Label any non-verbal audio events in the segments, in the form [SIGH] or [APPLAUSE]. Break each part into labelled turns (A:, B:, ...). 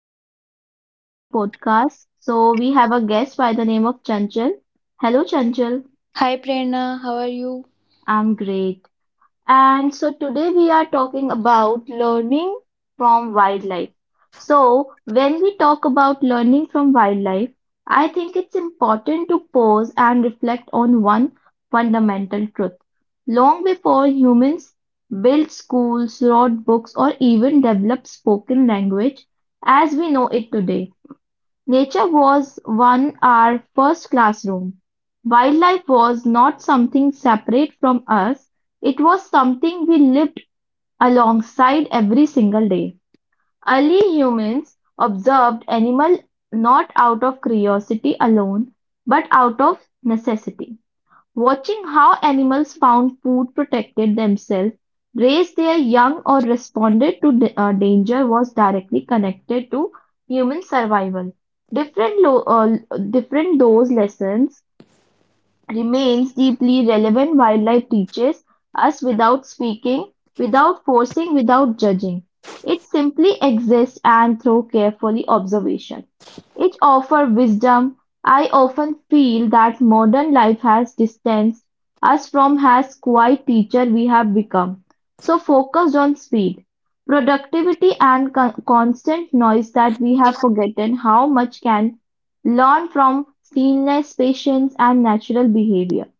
A: Welcome back to our podcast. We have a guest by the name of Chanchal. Hello, Chanchal.
B: Hi Prerna, how are you?
A: I'm great. Today we are talking about learning from wildlife. So, when we talk about learning from wildlife, I think it's important to pause and reflect on one fundamental truth. Long before humans built schools, wrote books, or even developed spoken language, as we know it today. Nature was one our first classroom. Wildlife was not something separate from us. It was something we lived alongside every single day. Early humans observed animals not out of curiosity alone, but out of necessity. Watching how animals found food, protected themselves, raised their young, or responded to danger was directly connected to human survival. Different, lo- uh, Different those lessons remains deeply relevant. Wildlife teaches us without speaking, without forcing, without judging. It simply exists and through carefully observation. It offers wisdom. I often feel that modern life has distanced us from as quiet teacher we have become. So focused on speed, productivity and constant noise that we have forgotten how much can learn from stillness, patience, and natural behavior.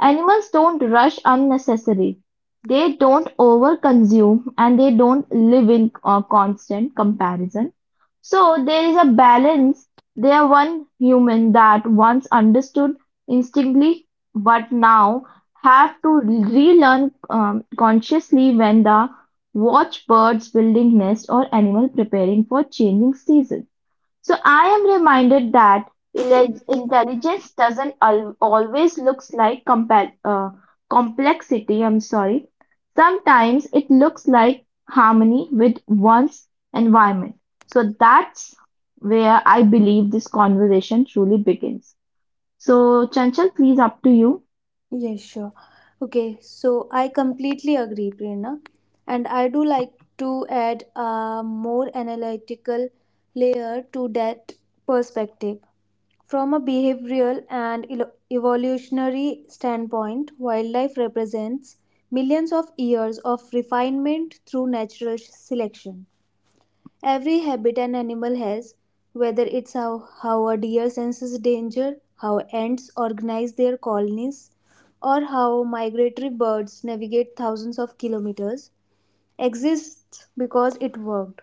A: Animals don't rush unnecessarily. They don't overconsume and they don't live in constant comparison. So there is a balance. They are one human that once understood instinctively, but now have to relearn consciously when the watch birds building nest or animal preparing for changing seasons. So I am reminded that intelligence doesn't always looks like complexity. I'm sorry. Sometimes it looks like harmony with one's environment. So that's where I believe this conversation truly begins. So Chanchal, please up to you.
B: Yes, sure. Okay, so I completely agree, Prerna. And I do like to add a more analytical layer to that perspective. From a behavioral and evolutionary standpoint, wildlife represents millions of years of refinement through natural selection. Every habit an animal has, whether it's how a deer senses danger, how ants organize their colonies, or how migratory birds navigate thousands of kilometers, exists because it worked.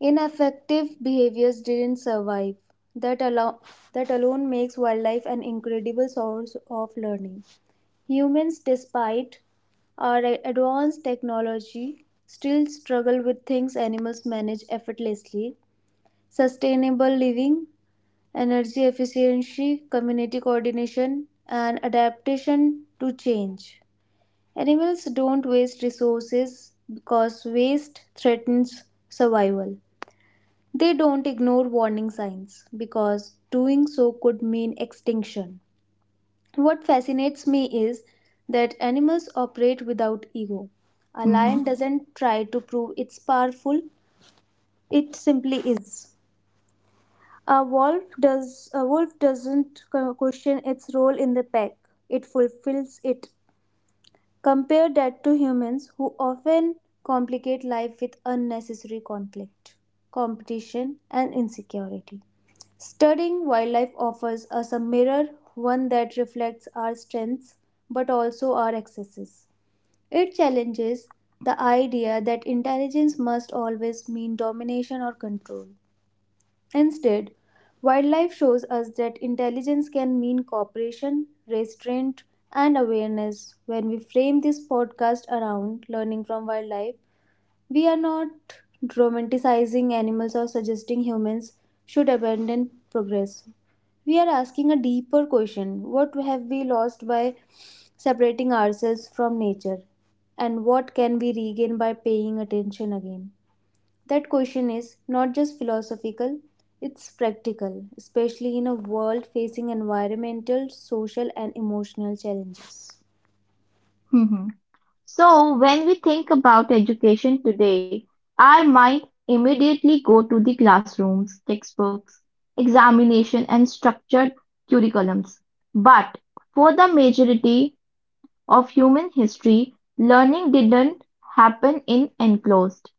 B: Ineffective behaviors didn't survive. That, allow, that alone makes wildlife an incredible source of learning. Humans, despite our advanced technology, still struggle with things animals manage effortlessly: sustainable living, energy efficiency, community coordination, and adaptation to change. Animals don't waste resources because waste threatens survival. They don't ignore warning signs because doing so could mean extinction. What fascinates me is that animals operate without ego. A
A: Hmm.
B: lion doesn't try to prove it's powerful, it simply is. A wolf doesn't question its role in the pack. It fulfills it. Compare that to humans who often complicate life with unnecessary conflict, competition and insecurity. Studying wildlife offers us a mirror, one that reflects our strengths but also our excesses. It challenges the idea that intelligence must always mean domination or control. Instead, wildlife shows us that intelligence can mean cooperation, restraint, and awareness. When we frame this podcast around learning from wildlife, we are not romanticizing animals or suggesting humans should abandon progress. We are asking a deeper question: what have we lost by separating ourselves from nature? And what can we regain by paying attention again? That question is not just philosophical, it's practical, especially in a world facing environmental, social, and emotional challenges.
A: Hmm. So when we think about education today, our mind immediately go to the classrooms, textbooks, examination and structured curriculums. But for the majority of human history, learning didn't happen in enclosed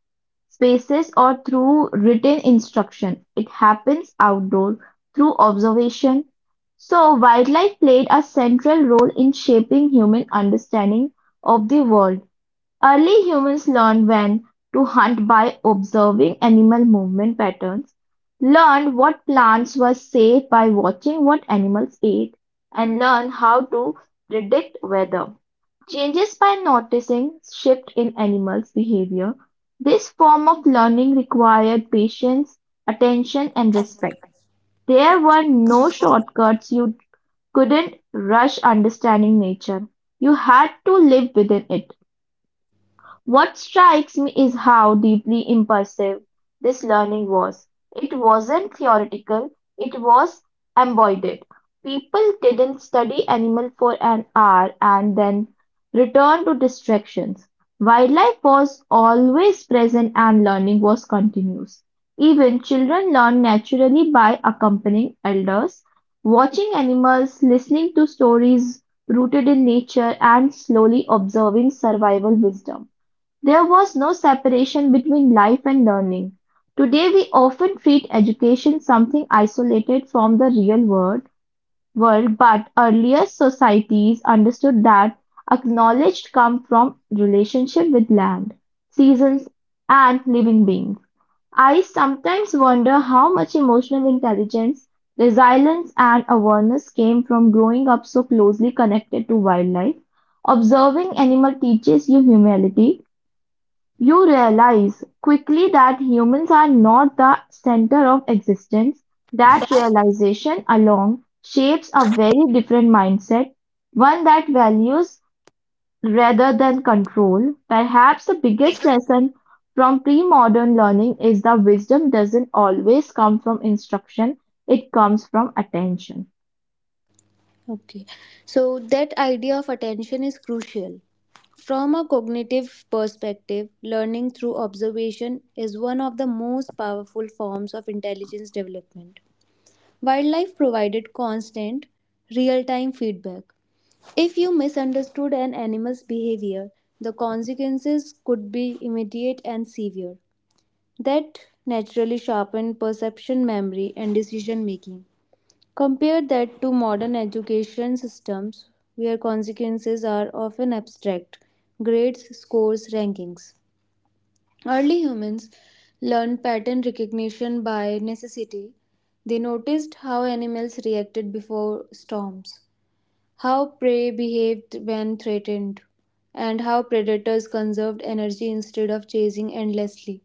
A: spaces or through written instruction. It happens outdoor through observation. So wildlife played a central role in shaping human understanding of the world. Early humans learned when to hunt by observing animal movement patterns, learned what plants were safe by watching what animals ate, and learned how to predict weather. Changes by noticing shift in animals' behavior. This form of learning required patience, attention, and respect. There were no shortcuts. You couldn't rush understanding nature. You had to live within it. What strikes me is how deeply immersive this learning was. It wasn't theoretical, it was embodied. People didn't study animal for an hour and then return to distractions. Wildlife was always present and learning was continuous. Even children learn naturally by accompanying elders, watching animals, listening to stories rooted in nature, and slowly observing survival wisdom. There was no separation between life and learning. Today we often treat education something isolated from the real world but earlier societies understood that acknowledged come from relationship with land, seasons and living beings. I sometimes wonder how much emotional intelligence, resilience and awareness came from growing up so closely connected to wildlife. Observing animal teaches you humility. You realize quickly that humans are not the center of existence. That realization alone shapes a very different mindset, one that values rather than control. Perhaps the biggest lesson from pre modern learning is that wisdom doesn't always come from instruction, it comes from attention.
B: Okay, so that idea of attention is crucial. From a cognitive perspective, learning through observation is one of the most powerful forms of intelligence development. Wildlife provided constant, real time feedback. If you misunderstood an animal's behavior, the consequences could be immediate and severe. That naturally sharpened perception, memory, and decision making. Compare that to modern education systems where consequences are often abstract: grades, scores, rankings. Early humans learned pattern recognition by necessity. They noticed how animals reacted before storms, how prey behaved when threatened, and how predators conserved energy instead of chasing endlessly.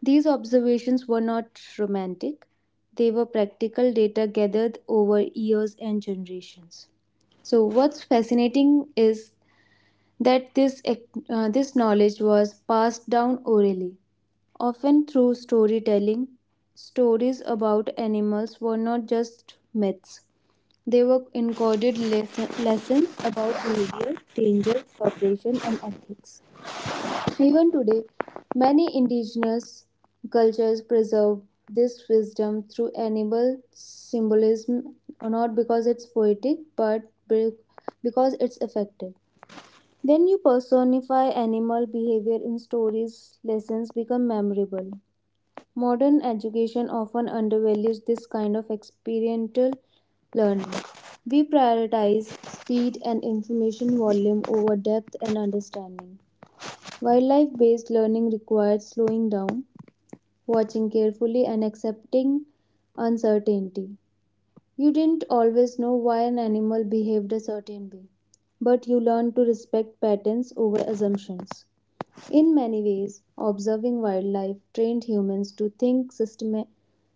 B: These observations were not romantic, they were practical data gathered over years and generations. So, what's fascinating is that this knowledge was passed down orally, often through storytelling. Stories about animals were not just myths, they were encoded lessons about behavior, danger, cooperation, and ethics. Even today, many indigenous cultures preserve this wisdom through animal symbolism, not because it's poetic, but because it's effective. When you personify animal behavior in stories, lessons become memorable. Modern education often undervalues this kind of experiential learning. We prioritize speed and information volume over depth and understanding. Wildlife based learning requires slowing down, watching carefully, and accepting uncertainty. You didn't always know why an animal behaved a certain way, but you learned to respect patterns over assumptions. In many ways, observing wildlife trained humans to think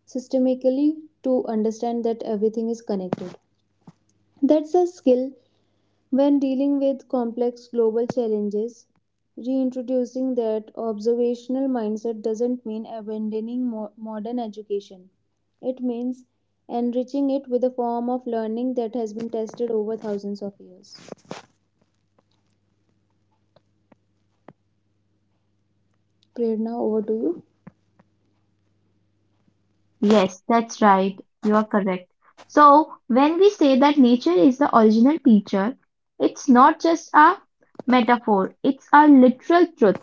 B: systemically, to understand that everything is connected. That's a skill when dealing with complex global challenges. Reintroducing that observational mindset doesn't mean abandoning modern education. It means enriching it with a form of learning that has been tested over thousands of years. Prerna, over to you.
A: Yes, that's right. You're correct. So, when we say that nature is the original teacher, it's not just a metaphor, it's a literal truth.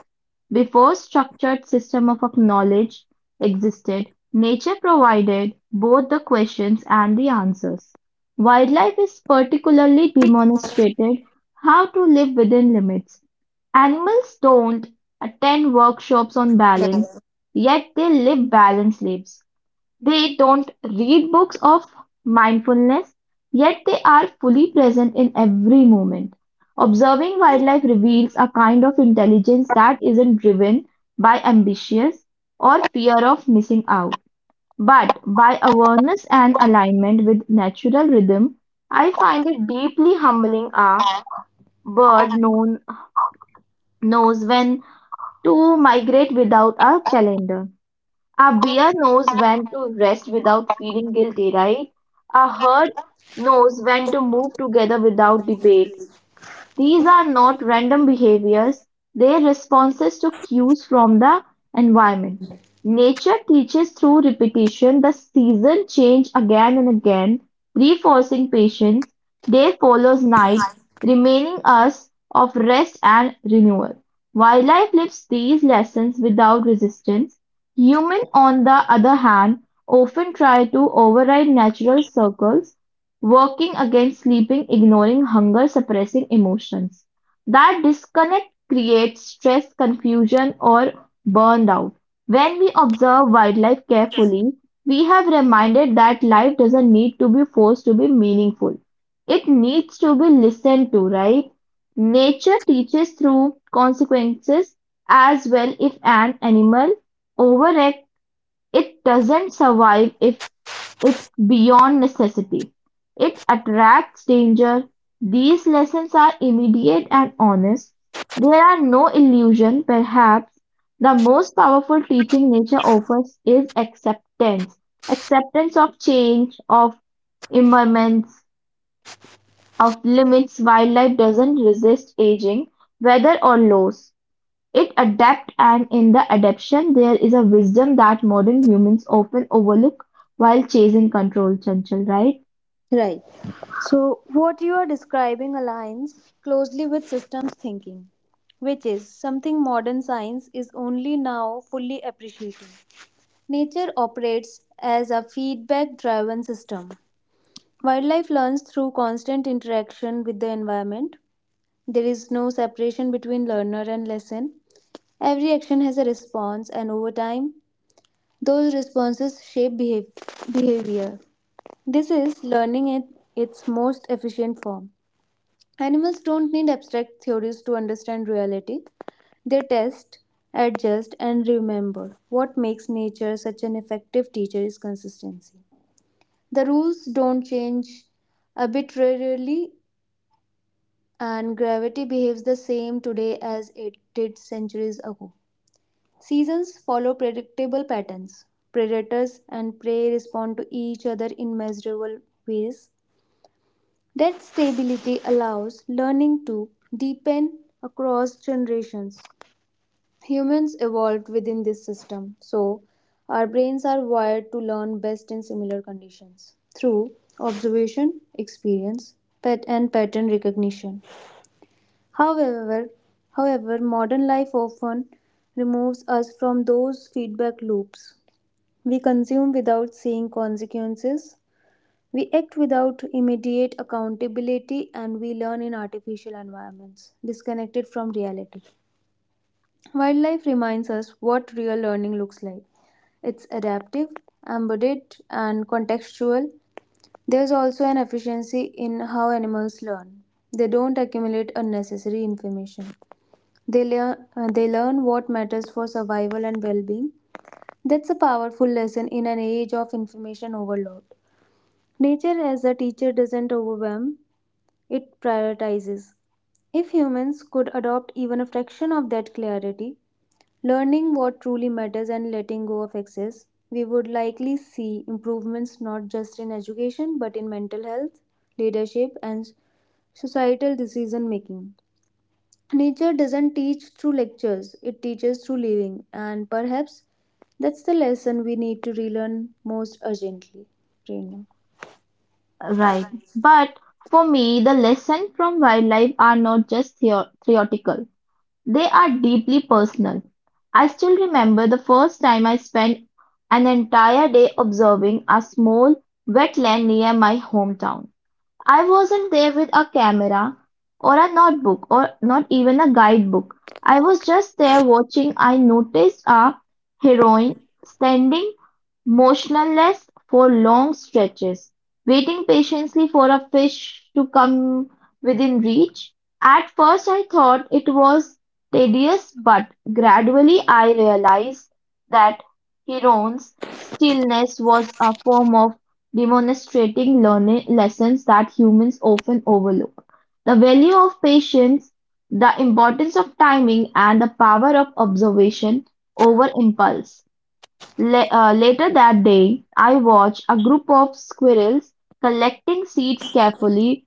A: Before structured system of knowledge existed, nature provided both the questions and the answers. Wildlife is particularly demonstrated how to live within limits. Animals don't attend workshops on balance, yet they live balanced lives. They don't read books of mindfulness, yet they are fully present in every moment. Observing wildlife reveals a kind of intelligence that isn't driven by ambitious or fear of missing out, but by awareness and alignment with natural rhythm. I find it deeply humbling. A bird known, knows when to migrate without a calendar. A bear knows when to rest without feeling guilty, right? A herd knows when to move together without debate. These are not random behaviors, they are responses to cues from the environment. Nature teaches through repetition. The season change again and again, reinforcing patience, day follows night, remaining us of rest and renewal. Wildlife lives these lessons without resistance. Human, on the other hand, often try to override natural circles working against sleeping, ignoring hunger, suppressing emotions. That disconnect creates stress, confusion, or burnout. When we observe wildlife carefully, we have reminded that life doesn't need to be forced to be meaningful. It needs to be listened to, right? Nature teaches through consequences as well. If an animal overacts, it doesn't survive if it beyond necessity; it attracts danger. These lessons are immediate and honest. There are no illusions. Perhaps the most powerful teaching nature offers is acceptance. Acceptance of change, of impermanence, of limits. Wildlife doesn't resist aging, weather, or loss. It adapts and in the adaptation there is a wisdom that modern humans often overlook while chasing control, Chanchal, right?
B: Right. So, what you are describing aligns closely with systems thinking, which is something modern science is only now fully appreciating. Nature operates as a feedback driven system. Wildlife learns through constant interaction with the environment. There is no separation between learner and lesson. Every action has a response, and over time, those responses shape behavior. This is learning in its most efficient form. Animals don't need abstract theories to understand reality. They test, adjust, and remember. What makes nature such an effective teacher is consistency. The rules don't change arbitrarily, and gravity behaves the same today as it did centuries ago. Seasons follow predictable patterns. Predators and prey respond to each other in measurable ways. That stability allows learning to deepen across generations. Humans evolved within this system, so our brains are wired to learn best in similar conditions through observation, experience, and pattern recognition. However, however, modern life often removes us from those feedback loops. We consume without seeing consequences, we act without immediate accountability, and we learn in artificial environments, disconnected from reality. Wildlife reminds us what real learning looks like. It's adaptive, embodied, and contextual. There's also an efficiency in how animals learn. They don't accumulate unnecessary information. They learn what matters for survival and well being. That's a powerful lesson in an age of information overload. Nature as a teacher doesn't overwhelm, it prioritizes. If humans could adopt even a fraction of that clarity, learning what truly matters and letting go of excess, we would likely see improvements not just in education but in mental health, leadership, and societal decision making. Nature doesn't teach through lectures, it teaches through living, and perhaps that's the lesson we need to relearn most urgently. Prerna.
A: Right. But for me, the lessons from wildlife are not just theoretical. They are deeply personal. I still remember the first time I spent an entire day observing a small wetland near my hometown. I wasn't there with a camera, or a notebook, or not even a guidebook. I was just there watching. I noticed our heroine standing motionless for long stretches, waiting patiently for a fish to come within reach. At first, I thought it was tedious, but gradually I realized that heron's stillness was a form of demonstrating learning lessons that humans often overlook: the value of patience, the importance of timing, and the power of observation over impulse. Later that day, I watched a group of squirrels collecting seeds carefully.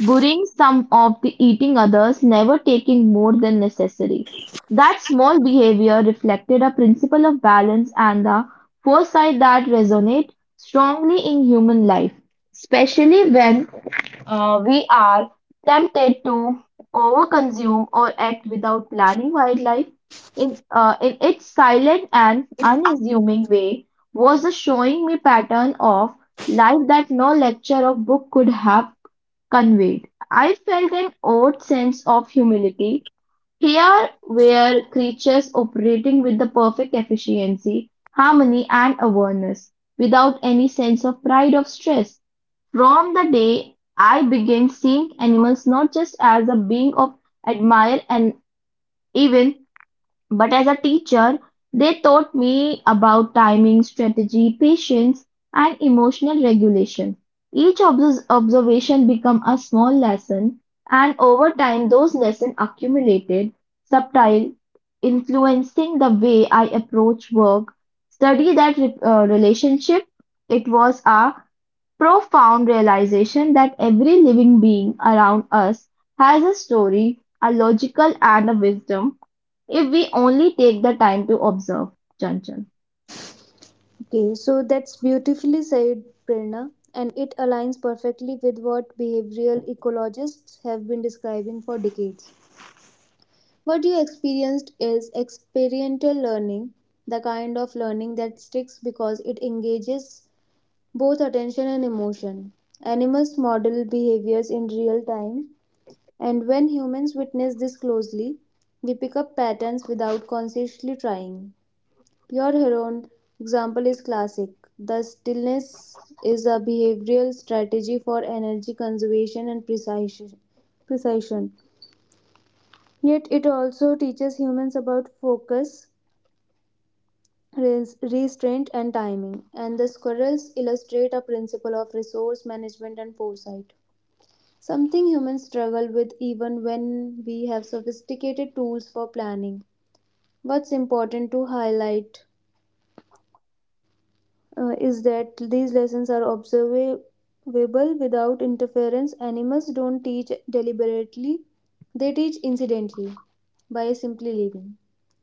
A: Burying some of the eating others, never taking more than necessary. That small behavior reflected a principle of balance and the foresight that resonate strongly in human life, especially when we are tempted to overconsume or act without planning wildlife. In its silent and unassuming way was a showing me pattern of life that no lecture or book could have conveyed. I felt an odd sense of humility. Here were creatures operating with the perfect efficiency, harmony, and awareness, without any sense of pride or stress. From the day I began seeing animals not just as a being of admire and even but as a teacher, they taught me about timing, strategy, patience, and emotional regulation. Each observation became a small lesson, and over time, those lessons accumulated, subtle, influencing the way I approach work, study that relationship. It was a profound realization that every living being around us has a story, a logical, and a wisdom if we only take the time to observe, Chanchal.
B: Okay, so that's beautifully said, Prerna, and it aligns perfectly with what behavioral ecologists have been describing for decades. What you experienced is experiential learning, the kind of learning that sticks because it engages both attention and emotion. Animals model behaviors in real time, and when humans witness this closely, we pick up patterns without consciously trying. Pure Heron example is classic. The stillness is a behavioral strategy for energy conservation and precision. Yet it also teaches humans about focus, restraint, and timing. And the squirrels illustrate a principle of resource management and foresight. Something humans struggle with even when we have sophisticated tools for planning. What's important to highlight is that these lessons are observable without interference. Animals don't teach deliberately, they teach incidentally by simply living.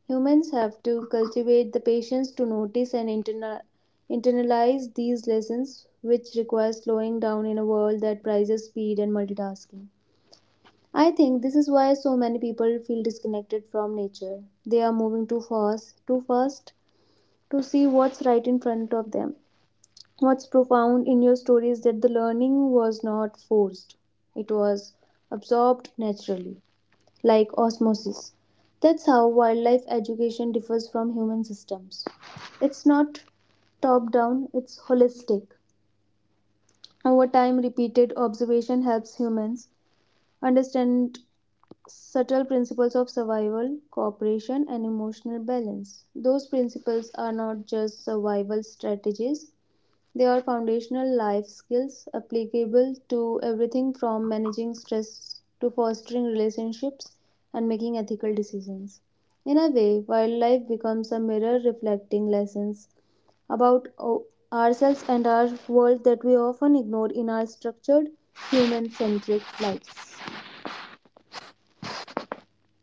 B: Humans have to cultivate the patience to notice and internalize these lessons, which requires slowing down in a world that prizes speed and multitasking. I think this is why so many people feel disconnected from nature. They are moving too fast to see what's right in front of them. What's profound in your story is that the learning was not forced, it was absorbed naturally, like osmosis. That's how wildlife education differs from human systems. It's not top down, it's holistic. Over time, repeated observation helps humans understand subtle principles of survival, cooperation, and emotional balance. Those principles are not just survival strategies, they are foundational life skills applicable to everything from managing stress to fostering relationships and making ethical decisions. In a way, wildlife becomes a mirror reflecting lessons about ourselves and our world that we often ignore in our structured, human centric lives.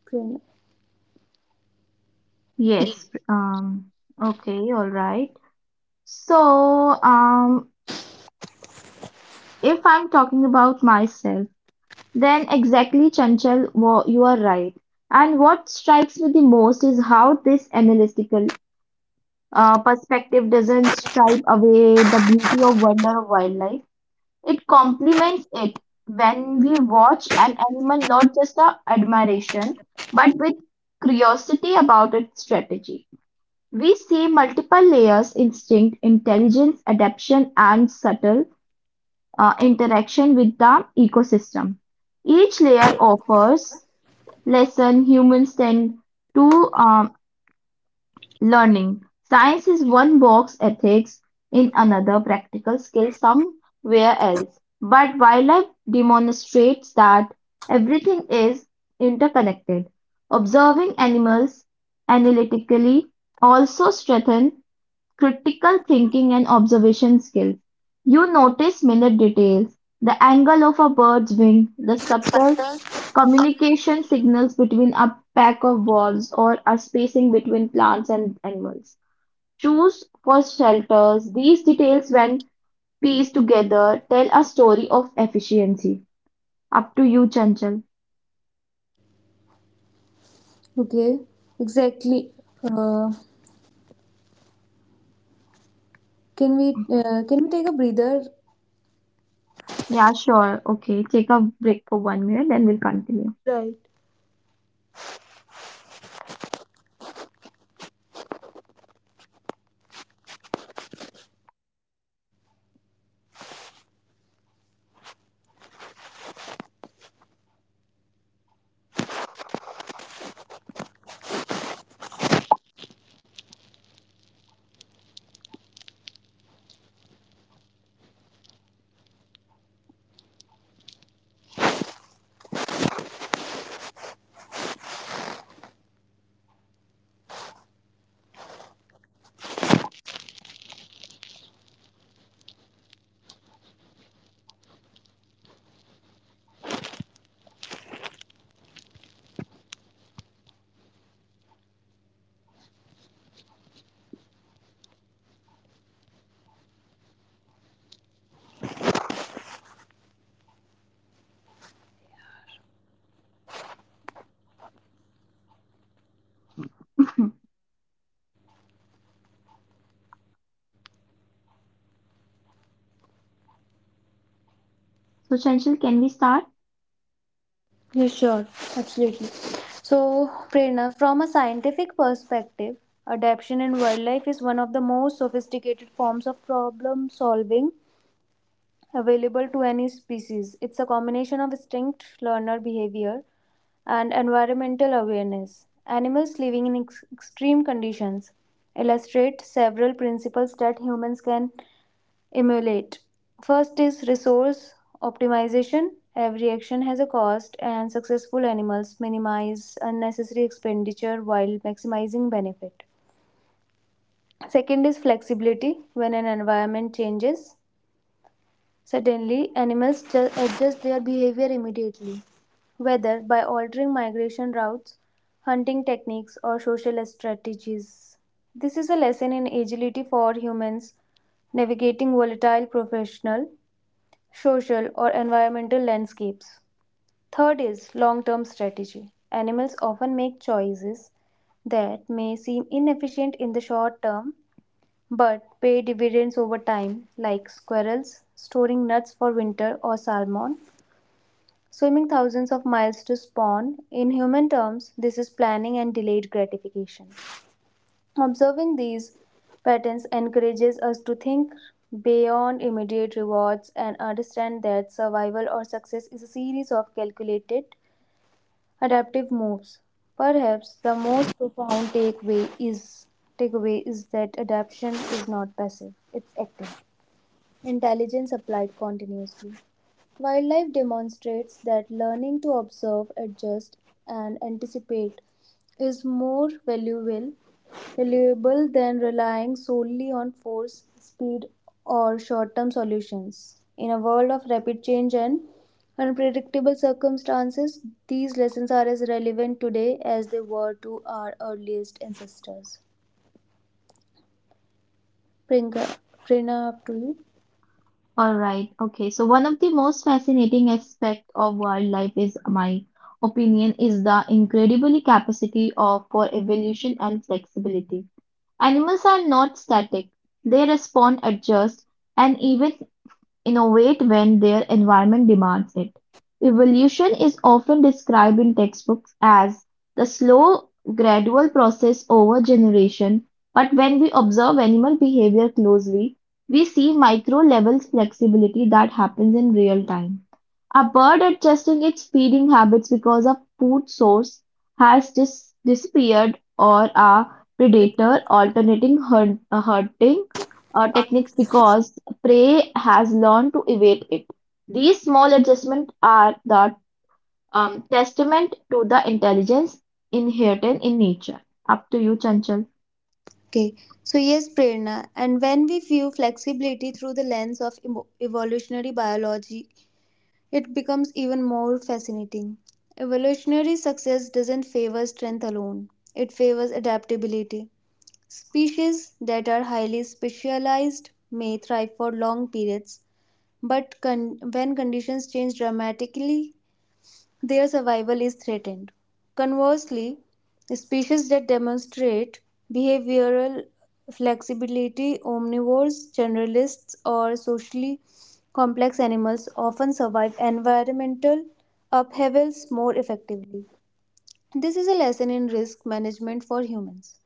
B: Prerna.
A: Yes. Okay, all right. So, um, if I'm talking about myself, then exactly, Chanchal, you are right. And what strikes me the most is how this analytical perspective doesn't stripe away the beauty or wonder of wildlife. It complements it. When we watch an animal, not just our admiration, but with curiosity about its strategy. We see multiple layers, instinct, intelligence, adaptation, and subtle interaction with the ecosystem. Each layer offers lesson humans tend to learning: science is one box, ethics in another, practical skills somewhere else. But wildlife demonstrates that everything is interconnected. Observing animals analytically also strengthens critical thinking and observation skills. You notice minute details, the angle of a bird's wing, the subtle communication signals between a pack of wolves or a spacing between plants and animals. Choose for shelters. These details, when pieced together, tell a story of efficiency. Up to you, Chanchal.
B: Okay, exactly. Uh, can we can we take a breather?
A: Yeah, sure. Okay, take a break for 1 minute, then we'll continue.
B: Right.
A: [LAUGHS] So, Chanchal, can we start?
B: Yes, sure, absolutely. So, Prerna, from a scientific perspective, adaptation in wildlife is one of the most sophisticated forms of problem solving available to any species. It's a combination of instinct, learner behavior, and environmental awareness. Animals living in extreme conditions illustrate several principles that humans can emulate. First is resource optimization. Every action has a cost, and successful animals minimize unnecessary expenditure while maximizing benefit. Second is flexibility. When an environment changes suddenly, animals adjust their behavior immediately, whether by altering migration routes, hunting techniques, or social strategies. This is a lesson in agility for humans navigating volatile professional, social, or environmental landscapes. Third is long term strategy. Animals often make choices that may seem inefficient in the short term but pay dividends over time, like squirrels storing nuts for winter or salmon swimming thousands of miles to spawn. In human terms, this is planning and delayed gratification. Observing these patterns encourages us to think beyond immediate rewards and understand that survival or success is a series of calculated adaptive moves. Perhaps the most profound takeaway is that adaptation is not passive, it's active. Intelligence applied continuously. Wildlife demonstrates that learning to observe, adjust, and anticipate is more valuable than relying solely on force, speed, or short term solutions. In a world of rapid change and unpredictable circumstances, these lessons are as relevant today as they were to our earliest ancestors. Prinka, Prina, up to you.
A: All right. Okay. So, one of the most fascinating aspects of wildlife is my opinion is the incredible capacity of for evolution and flexibility. Animals are not static; they respond, adjust, and even innovate when their environment demands it. Evolution is often described in textbooks as the slow, gradual process over generation, but when we observe animal behavior closely, we see micro level flexibility that happens in real time. A bird adjusting its feeding habits because a food source has disappeared or a predator alternating hunting techniques because prey has learned to evade it. These small adjustments are the testament to the intelligence inherent in nature. Up to you, Chanchal.
B: Okay, so yes, Prerna, and when we view flexibility through the lens of evolutionary biology, it becomes even more fascinating. Evolutionary success doesn't favor strength alone, it favors adaptability. Species that are highly specialized may thrive for long periods, but when conditions change dramatically, their survival is threatened. Conversely, species that demonstrate behavioral flexibility, omnivores, generalists, or socially complex animals, often survive environmental upheavals more effectively. This is a lesson in risk management for humans.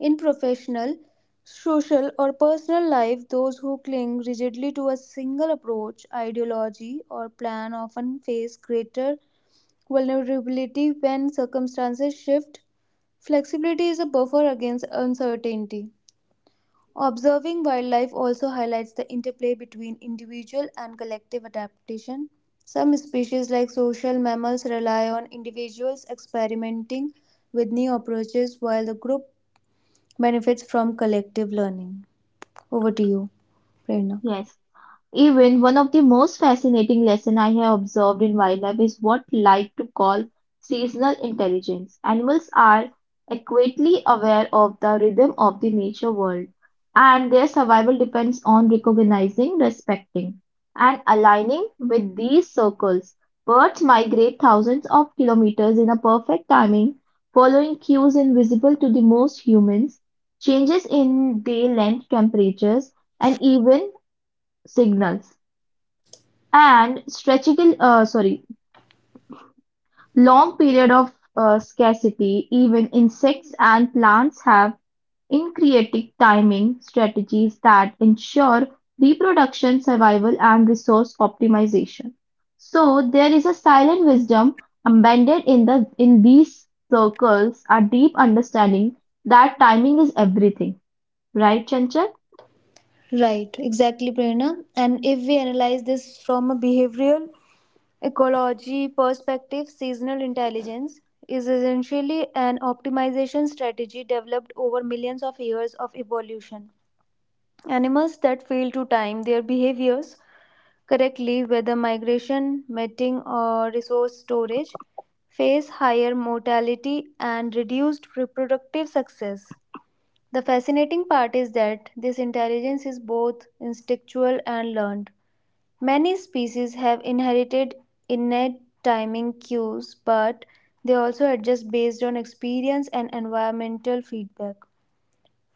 B: In professional, social, or personal life, those who cling rigidly to a single approach, ideology, or plan often face greater vulnerability when circumstances shift. Flexibility is a buffer against uncertainty. Observing wildlife also highlights the interplay between individual and collective adaptation. Some species, like social mammals, rely on individuals experimenting with new approaches while the group benefits from collective learning. Over to you, Prerna.
A: Yes. Even one of the most fascinating lessons I have observed in wildlife is what like to call seasonal intelligence. Animals are acutely aware of the rhythm of the nature world, and their survival depends on recognizing, respecting, and aligning with these circles. Birds migrate thousands of kilometers in a perfect timing, following cues invisible to the most humans, changes in day length, temperatures, and even signals. And stretchable sorry, long period of scarcity, even insects and plants have intricate timing strategies that ensure reproduction, survival, and resource optimization. So there is a silent wisdom embedded in these circles, a deep understanding that timing is everything, right, Chanchal?
B: Right, exactly, Prerna. And if we analyze this from a behavioral ecology perspective, seasonal intelligence is essentially an optimization strategy developed over millions of years of evolution. Animals that fail to time their behaviors correctly, whether migration, mating, or resource storage, face higher mortality and reduced reproductive success. The fascinating part is that this intelligence is both instinctual and learned. Many species have inherited innate timing cues, but they also adjust based on experience and environmental feedback.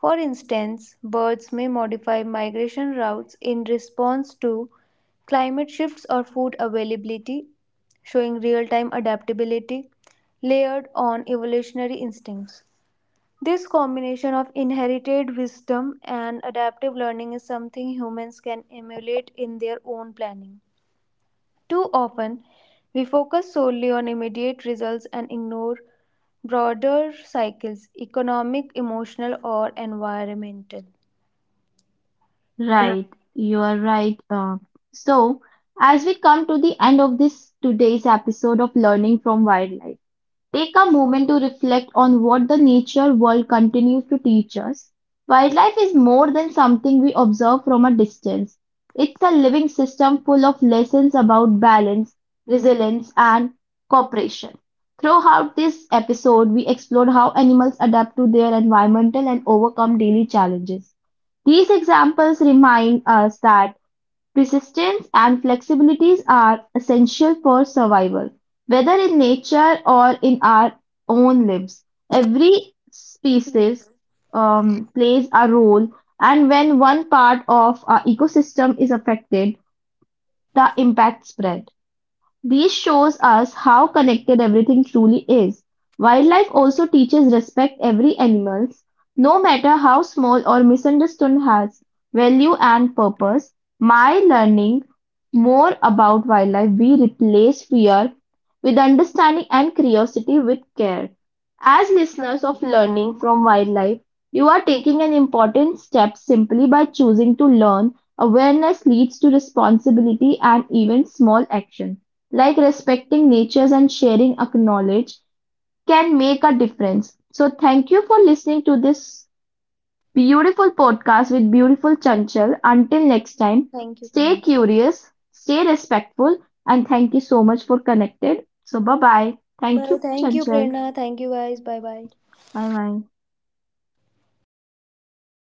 B: For instance, birds may modify migration routes in response to climate shifts or food availability, showing real time adaptability layered on evolutionary instincts. This combination of inherited wisdom and adaptive learning is something humans can emulate in their own planning. Too often, we focus solely on immediate results and ignore broader cycles: economic, emotional, or environmental.
A: Right, you are right. So, as we come to the end of this today's episode of Learning from Wildlife, take a moment to reflect on what the nature world continues to teach us. Wildlife is more than something we observe from a distance. It's a living system full of lessons about balance, resilience, and cooperation. Throughout this episode, we explored how animals adapt to their environmental and overcome daily challenges. These examples remind us that persistence and flexibilities are essential for survival, whether in nature or in our own lives. Every species plays a role, and when one part of our ecosystem is affected, the impact spreads. This shows us how connected everything truly is. Wildlife also teaches respect every animals, no matter how small or misunderstood has value and purpose. My learning more about wildlife we replace fear with understanding and curiosity with care. As listeners of learning from wildlife, you are taking an important step simply by choosing to learn. Awareness leads to responsibility and even small action like respecting natures and sharing a knowledge can make a difference. So thank you for listening to this beautiful podcast with beautiful Chanchal. Until next time,
B: Thank you,
A: stay
B: Prerna.
A: curious, stay respectful, and thank you so much for connected. So bye bye. Thank
B: Bye.
A: you,
B: Thank you,
A: Chanchal.
B: Prerna. Thank you, guys. Bye bye.
A: Bye bye.